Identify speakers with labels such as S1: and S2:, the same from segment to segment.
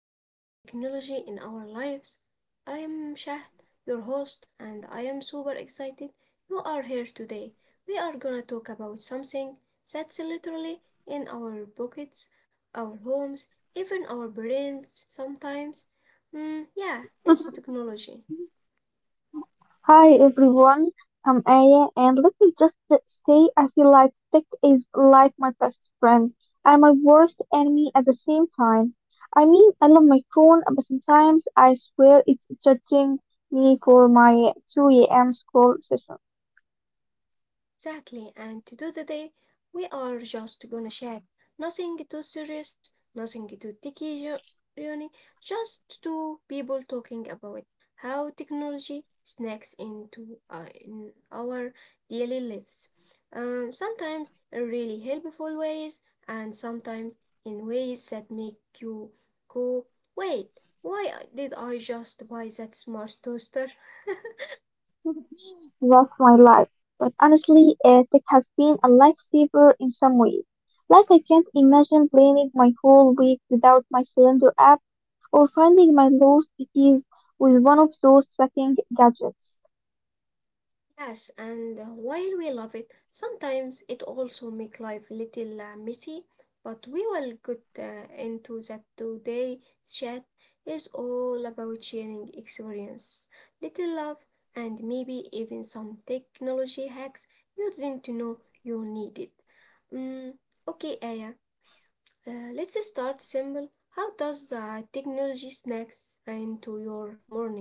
S1: Welcome to Technology in Our Lives. I am Shahd, your host, and I am super excited you are here today. We are gonna talk about something that's literally in our pockets, our homes, even our brains sometimes. Mm, yeah, it's technology.
S2: Hi everyone, I'm Aya, and let me just say I feel like tech is like my best friend and my worst enemy at the same time. I mean, I love my phone, but sometimes I swear it's judging me for my 2 a.m. scroll session.
S1: Exactly, and to do the day, we are just gonna check. Nothing too serious, nothing too techy journey, just two people talking about how technology snacks into in our daily lives. Sometimes in really helpful ways, and sometimes in ways that make you go, wait, why did I just buy that smart toaster?
S2: Rocked my life, but honestly, tech has been a lifesaver in some ways. Like, I can't imagine planning my whole week without my calendar app or finding my lost keys with one of those tracking gadgets.
S1: Yes, and while we love it, sometimes it also make life little messy, but we will get into that today chat is all about sharing experience, little love, and maybe even some technology hacks you didn't know you needed. Mm, okay, Aya, let's start simple. How does technology snacks into your morning?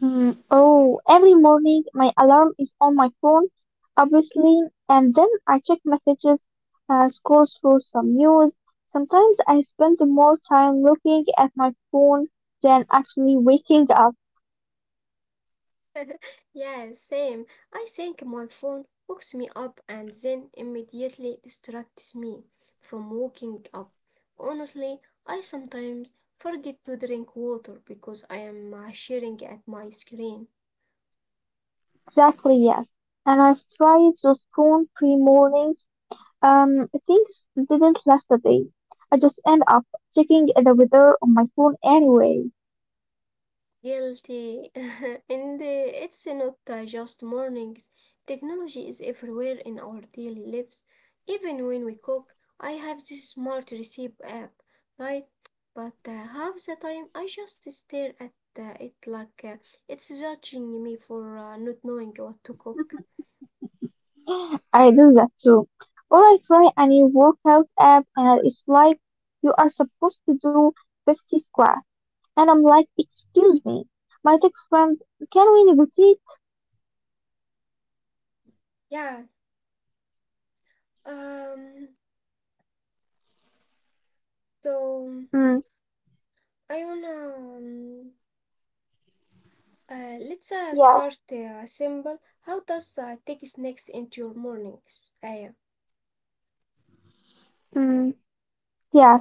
S2: Hmm. Oh, every morning my alarm is on my phone, obviously, and then I check messages, scroll through some news. Sometimes I spend more time looking at my phone than actually waking up.
S1: Yeah, same. I think my phone hooks me up and then immediately distracts me from waking up. Honestly, I sometimes forget to drink water because I am staring at my screen.
S2: Exactly, yes. And I've tried those prone pre mornings. Things didn't last a day. I just end up checking the weather on my phone anyway.
S1: Guilty. And it's not just mornings. Technology is everywhere in our daily lives. Even when we cook, I have this smart recipe app, right? But half the time I just stare at it like it's judging me for not knowing what to cook.
S2: I do that too. Or I try a new workout app and it's like you are supposed to do 50 squats. And I'm like, excuse me, my tech friend, can we negotiate?
S1: Yeah. Um. So um,
S2: Mm,
S1: I wanna. Let's
S2: yeah,
S1: start simple. How does take snacks into your mornings? Aya?
S2: mm, yeah.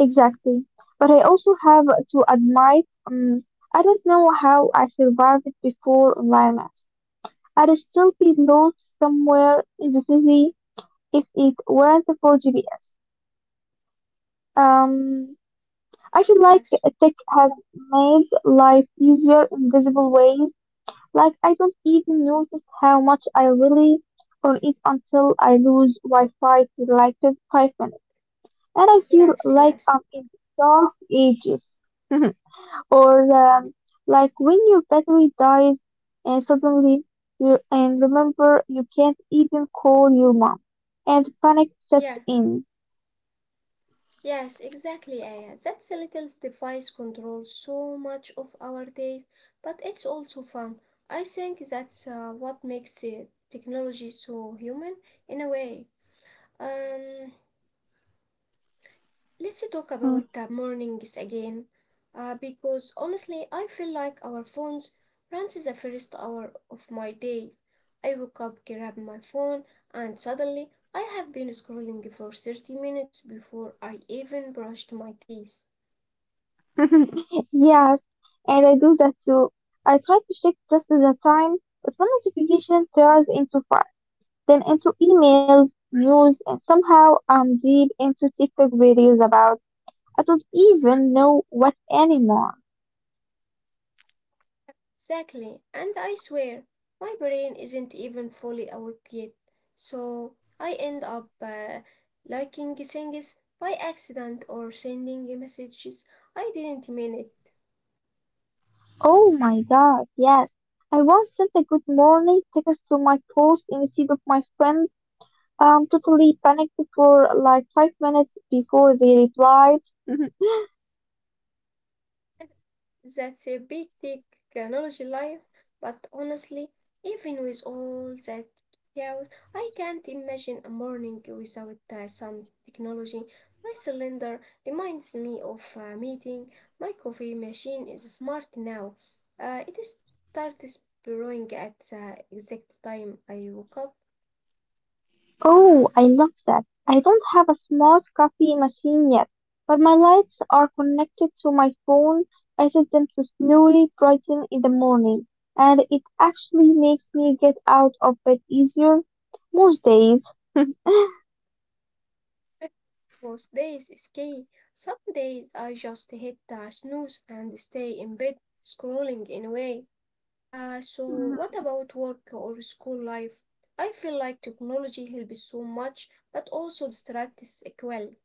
S2: Exactly. But I also have to admit, I don't know how I survived before online maps. I'd still be lost somewhere in the city if it weren't for GPS. Um, I feel like
S1: Yes,
S2: tech has made life easier in visible ways. Like I don't even notice how much I really on it until I lose Wi-Fi for like 5 minutes, and I feel
S1: yes,
S2: like
S1: yes.
S2: I'm in the dark ages. Or like when your battery dies and suddenly you and remember you can't even call your mom and panic sets
S1: Yeah,
S2: in.
S1: yes, exactly, Aya. That little device controls so much of our day, but it's also fun. I think that's what makes technology so human in a way. Um, Let's talk
S2: Mm.
S1: about the mornings again, because honestly, I feel like our phones runs the first hour of my day. I woke up, grab my phone, and suddenly I have been scrolling for 30 minutes before I even brushed my teeth.
S2: Yes, and I do that too. I try to check just at the time, but one notification turns into five, then into emails, news, and somehow I'm deep into TikTok videos about I don't even know what anymore.
S1: Exactly, and I swear, my brain isn't even fully awake yet, so I end up liking things by accident or sending messages I didn't mean it.
S2: Oh my God, yes. I once sent a good morning text to my post instead of my friend. Totally panicked for like 5 minutes before they replied.
S1: That's a big technology life, but honestly, even with all that chaos, I can't imagine a morning without some technology. My cylinder reminds me of a meeting. My coffee machine is smart now. It is starts brewing at the exact time I woke up.
S2: Oh, I love that. I don't have a smart coffee machine yet, but my lights are connected to my phone. I set them to slowly brighten in the morning, and it actually makes me get out of bed easier most days.
S1: Most days is key. Some days I just hit the snooze and stay in bed scrolling anyway. So what about work or school life? I feel like technology helps so much, but also distracts as well.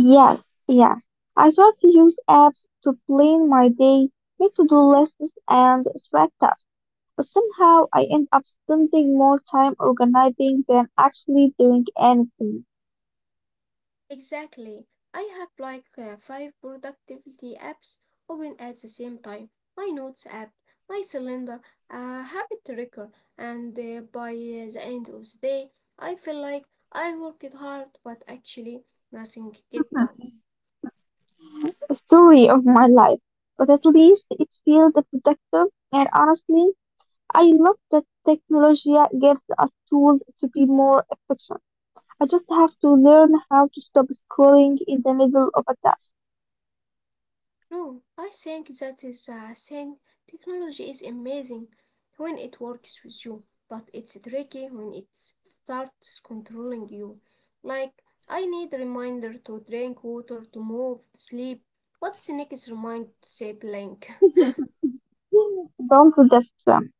S2: Yes, yeah. I try to use apps to plan my day, make to-do lists, and track tasks. But somehow I end up spending more time organizing than actually doing anything.
S1: Exactly. I have like five productivity apps open at the same time. My notes app, my calendar, a habit tracker, and by the end of the day, I feel like I worked hard, but actually nothing get done.
S2: A story of my life. But at least it feels productive, and honestly, I love that technology gives us tools to be more efficient. I just have to learn how to stop scrolling in the middle of a task.
S1: No, I think that is a thing. Technology is amazing when it works with you, but it's tricky when it starts controlling you. Like, I need reminder to drink water, to move, to sleep. What's the next reminder to say blank?
S2: Don't forget them.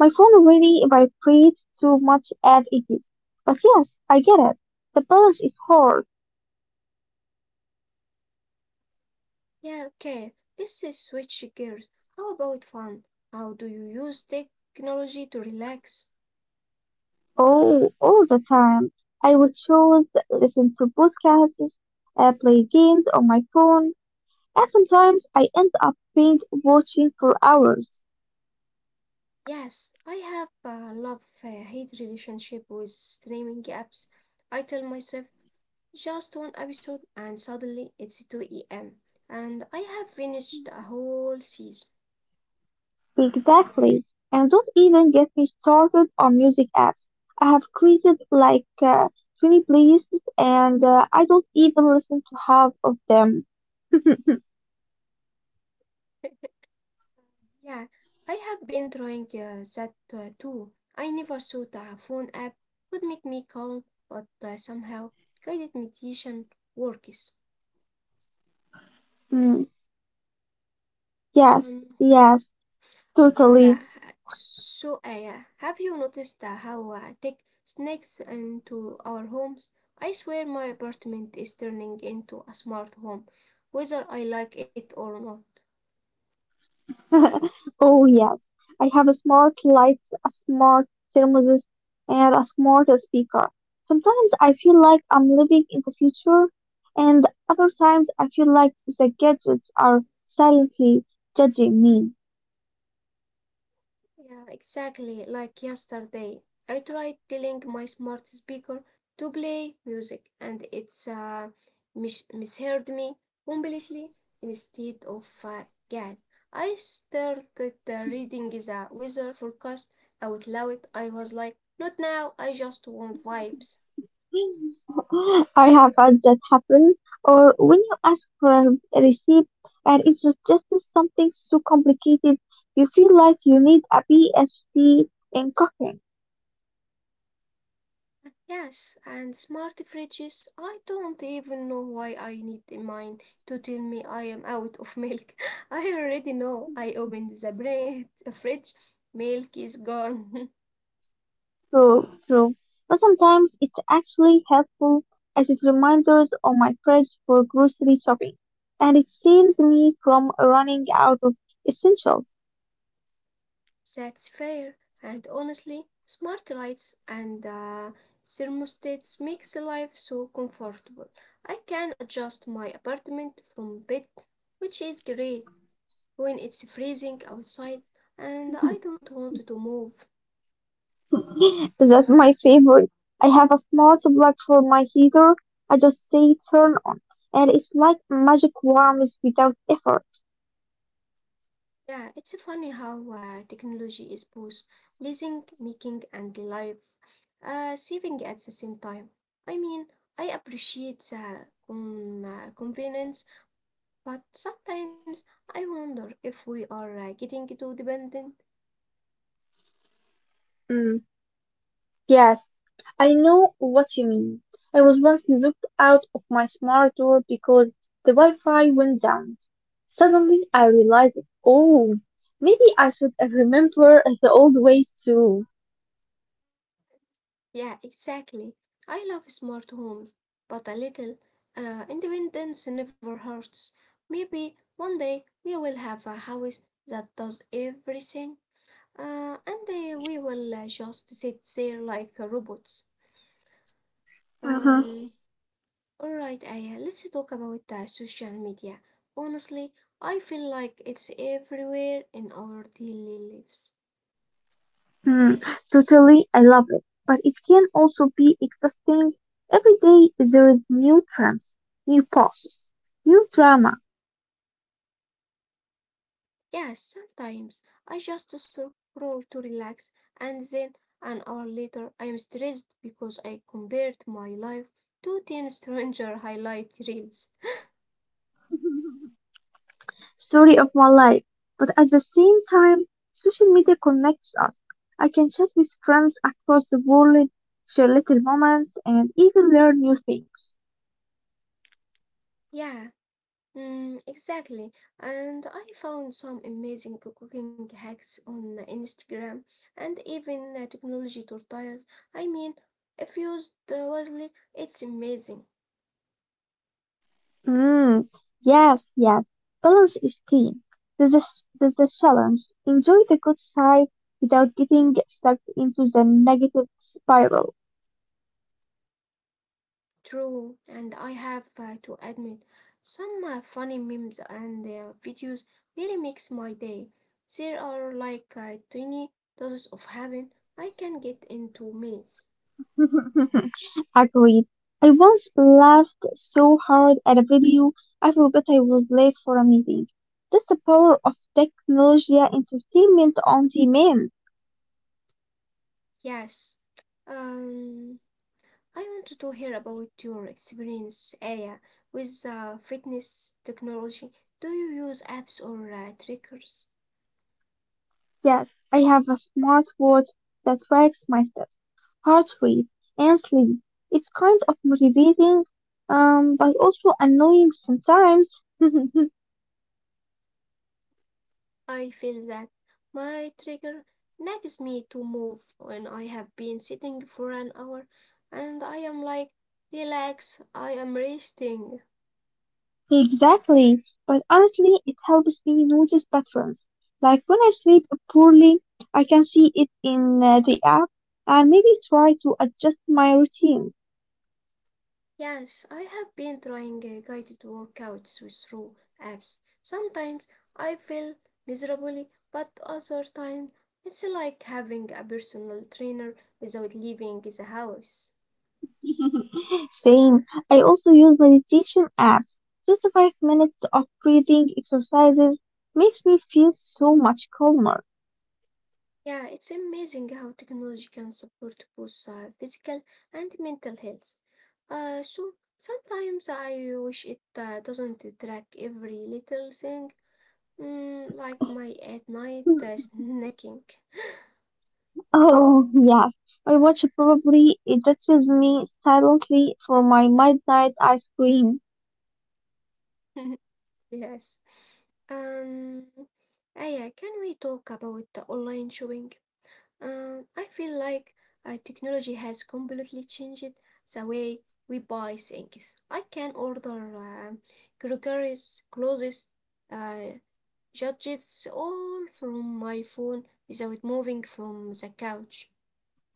S2: My phone really vibrates too much as it is. But yes, I get it. The balance is hard.
S1: yeah, okay, this is switch gears. How about fun? How do you use technology to relax?
S2: Oh, all the time. I would choose listen to podcasts, play games on my phone, and sometimes I end up binge watching for hours.
S1: Yes, I have a love-hate relationship with streaming apps. I tell myself just one episode, and suddenly it's 2 a.m. and I have finished a whole season.
S2: Exactly. And don't even get me started on music apps. I have created like 20 playlists and I don't even listen to half of them.
S1: Yeah, I have been trying that too. I never thought a phone app would make me calm, but somehow guided meditation works.
S2: Mm, yes,
S1: Um,
S2: yes.
S1: yeah,
S2: Totally.
S1: have you noticed how tech sneaks into our homes? I swear my apartment is turning into a smart home, whether I like it or not.
S2: Oh, yes. I have a smart light, a smart thermostat, and a smart speaker. Sometimes I feel like I'm living in the future, and other times I feel like the gadgets are silently judging me.
S1: Yeah, exactly. Like yesterday, I tried telling my smart speaker to play music, and it's mis- misheard me completely. Instead of God, I started reading the weather forecast out loud. I was like, "Not now. I just want vibes."
S2: I have had that happen, or when you ask for a receipt and it's just something so complicated, you feel like you need a PhD in cooking.
S1: Yes, and smart fridges. I don't even know why I need mine to tell me I am out of milk. I already know. I opened the bread fridge. Milk is gone.
S2: True, true. But sometimes it's actually helpful as it reminders on my fridge for grocery shopping, and it saves me from running out of essentials.
S1: That's fair. And honestly, smart lights and thermostats makes life so comfortable. I can adjust my apartment from bed, which is great when it's freezing outside and I don't want to move.
S2: That's my favorite. I have a small plug for my heater. I just say turn on, and it's like magic warms without effort.
S1: Yeah, it's funny how technology is both pleasing, making, and life saving at the same time. I mean, I appreciate the convenience, but sometimes I wonder if we are getting too dependent.
S2: Mm, yes, I know what you mean. I was once locked out of my smart door because the Wi-Fi went down. Suddenly I realized, oh, maybe I should remember the old ways too.
S1: Yeah, exactly. I love smart homes, but a little independence never hurts. Maybe one day we will have a house that does everything. And we will just sit there like robots.
S2: Mhm.
S1: Um, all right, Aya, let's talk about social media. Honestly, I feel like it's everywhere in our daily lives.
S2: Mm, totally, I love it. But it can also be exhausting. Every day there is new trends, new pauses, new drama.
S1: Yes, sometimes I just scroll to relax, and then an hour later I am stressed because I compared my life to 10 stranger highlight reels.
S2: Story of my life. But at the same time, social media connects us. I can chat with friends across the world, share little moments, and even learn new things.
S1: Yeah. Mm, exactly. And I found some amazing cooking hacks on Instagram and even technology tutorials. I mean, if used wisely, it's amazing.
S2: Mm, yes, yes. Balance is key. There's a, there's a challenge. Enjoy the good side without getting stuck into the negative spiral.
S1: True. And I have to admit, some funny memes and videos really makes my day. There are like tiny doses of heaven I can get into minutes.
S2: Agreed. I once laughed so hard at a video I forgot I was late for a meeting. That's the power of technology entertainment on demand.
S1: Yes. Um, I wanted to hear about your experience, Aya, with fitness technology. Do you use apps or triggers?
S2: Yes, I have a smartwatch that tracks my steps, heart rate, and sleep. It's kind of motivating, but also annoying sometimes.
S1: I feel that my trigger nags me to move when I have been sitting for an hour and I am like, relax, I am resting.
S2: Exactly. But honestly, it helps me notice patterns. Like when I sleep poorly, I can see it in the app and maybe try to adjust my routine.
S1: Yes, I have been trying guided workouts with through apps. Sometimes I feel miserably, but other times it's like having a personal trainer without leaving the house.
S2: Same. I also use meditation apps. Just 5 minutes of breathing exercises makes me feel so much calmer.
S1: Yeah, it's amazing how technology can support both physical and mental health. So sometimes I wish it doesn't track every little thing, mm, like my at night snacking.
S2: Oh, yes. My watch probably ejects me silently for my midnight ice cream.
S1: Yes. Um, yeah. Can we talk about the online shopping? I feel like technology has completely changed the way we buy things. I can order groceries, clothes, uh, gadgets, all from my phone without moving from the couch.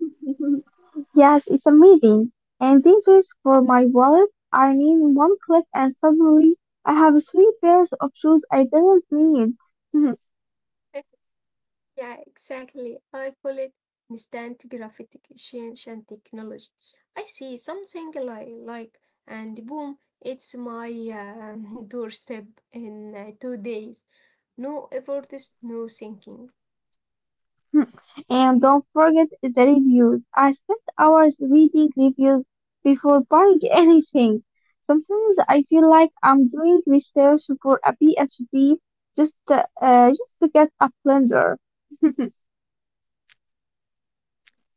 S2: Yes, it's amazing. And these for my wallet I need one click and suddenly I have three pairs of shoes I didn't need.
S1: Yeah, exactly. I call it instant gratification technology. I see something like and boom, it's my doorstep in 2 days. No efforts, no thinking.
S2: And don't forget the reviews. I spent hours reading reviews before buying anything. Sometimes I feel like I'm doing research for a PhD just to just to get a blender.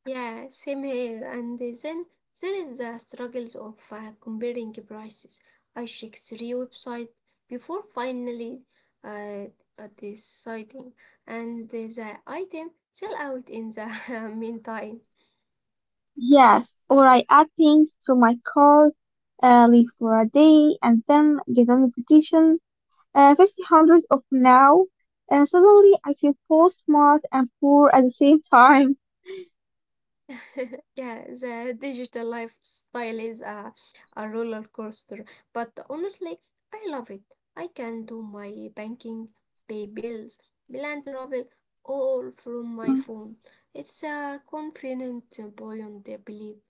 S1: Yeah, same here. And then there is the struggles of comparing prices. I check three websites before finally uh, deciding, and the item sell out in the meantime.
S2: Yes, or I add things to my cart, leave for a day, and then get a notification 50 hundreds of now, and suddenly I feel both smart and poor at the same time.
S1: Yeah, the digital lifestyle is a roller coaster, but honestly, I love it. I can do my banking, pay bills, plan travel, all from my phone. It's a confident, buoyant belief.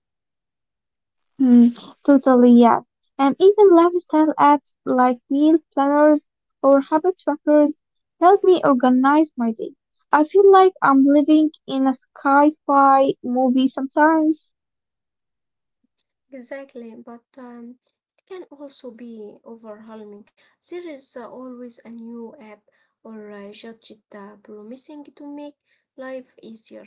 S2: Mhm, totally, yeah. And even lifestyle apps like meal planners or habit trackers help me organize my day. I feel like I'm living in a sci-fi movie sometimes.
S1: Exactly, but it can also be overwhelming. There is always a new app or gadget promising to make life easier.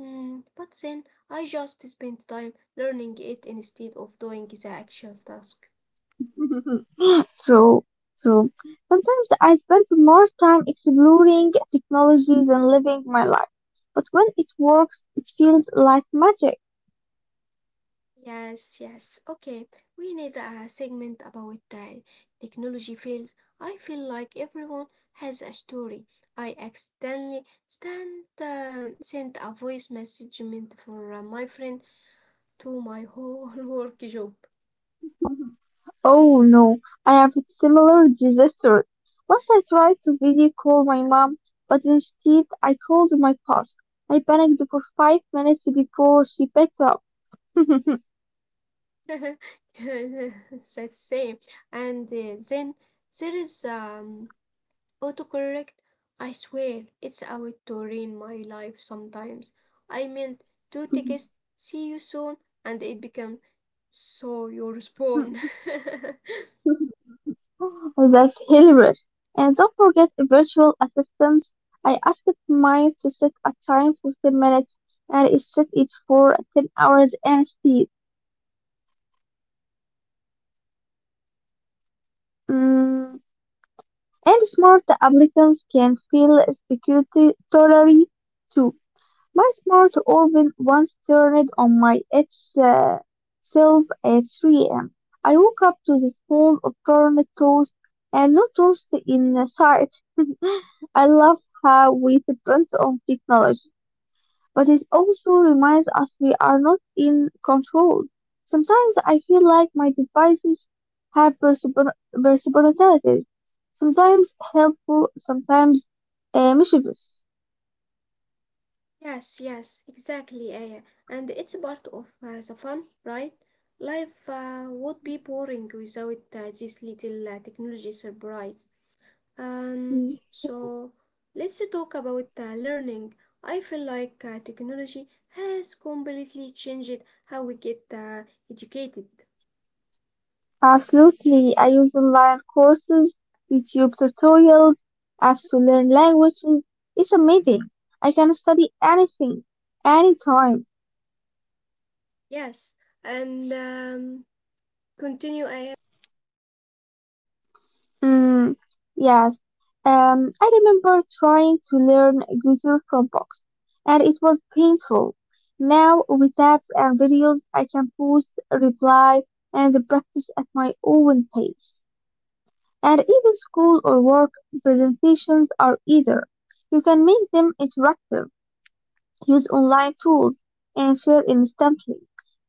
S1: Mm, but then I just spend time learning it instead of doing the actual task.
S2: True, true. Sometimes I spend more time exploring technology than living my life. But when it works, it feels like magic.
S1: Yes, yes. Okay, we need a segment about technology fails. I feel like everyone has a story. I accidentally sent a voice message meant for my friend to my whole work job.
S2: Oh no, I have a similar disaster. Once I tried to video call my mom, but instead I called my boss. I panicked for 5 minutes before she picked up.
S1: That's same. And then there is Autocorrect? I swear, it's out to ruin my life sometimes. I meant to text see you soon and it became so your spawn.
S2: That's hilarious. And don't forget virtual assistants. I asked mine to set a time for 10 minutes and it set it for 10 hours instead. Mm. And smart applicants can feel security too. My smart oven once turned on my its self at 3 a.m. I woke up to the smell of burnt toast and no toast in sight. I love how we depend on technology, but it also reminds us we are not in control. Sometimes I feel like my devices have personalities, sometimes helpful, sometimes mischievous.
S1: Yes, yes, exactly, Aya. And it's part of the fun, right? Life would be boring without this little technology surprise. Um,
S2: Mm.
S1: so let's talk about learning. I feel like technology has completely changed how we get educated.
S2: Absolutely. I use online courses, YouTube tutorials, apps to learn languages. It's amazing. I can study anything, anytime.
S1: Yes, and continue. I have
S2: Mm, yes. I remember trying to learn guitar from books, and it was painful. Now, with apps and videos, I can pause, reply, and practice at my own pace. And even school or work presentations are either. You can make them interactive, use online tools, and share instantly.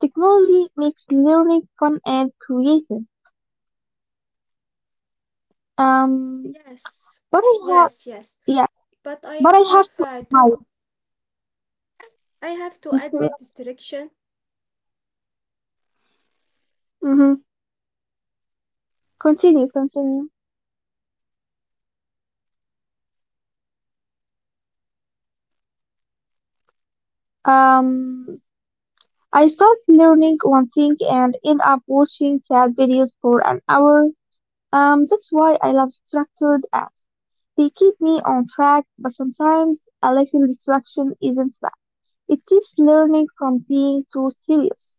S2: Technology makes learning fun and creative. Um,
S1: yes,
S2: but I
S1: yes, yes.
S2: have,
S1: But I
S2: But I have
S1: have
S2: to admire
S1: to. I have to
S2: this
S1: admit
S2: selection.
S1: distraction.
S2: Hmm. Continue, continue. Um, I start learning one thing and end up watching cat videos for an hour. That's why I love structured apps. They keep me on track, but sometimes a little distraction isn't bad. It keeps learning from being too serious.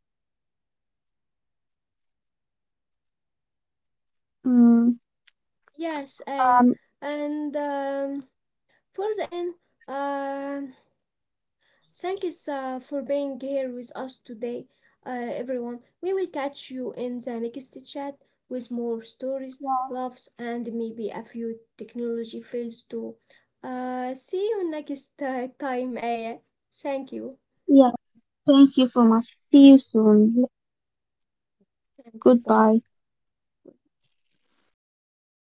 S2: Mm,
S1: Yes, I
S2: um,
S1: and for the end, um thank you for being here with us today, everyone. We will catch you in the next chat with more stories,
S2: Yeah.
S1: loves, and maybe a few technology fails too. See you next time, Aya. Thank you.
S2: Yeah, thank you so much. See you soon.
S1: Thank you.
S2: Goodbye.
S1: Bye.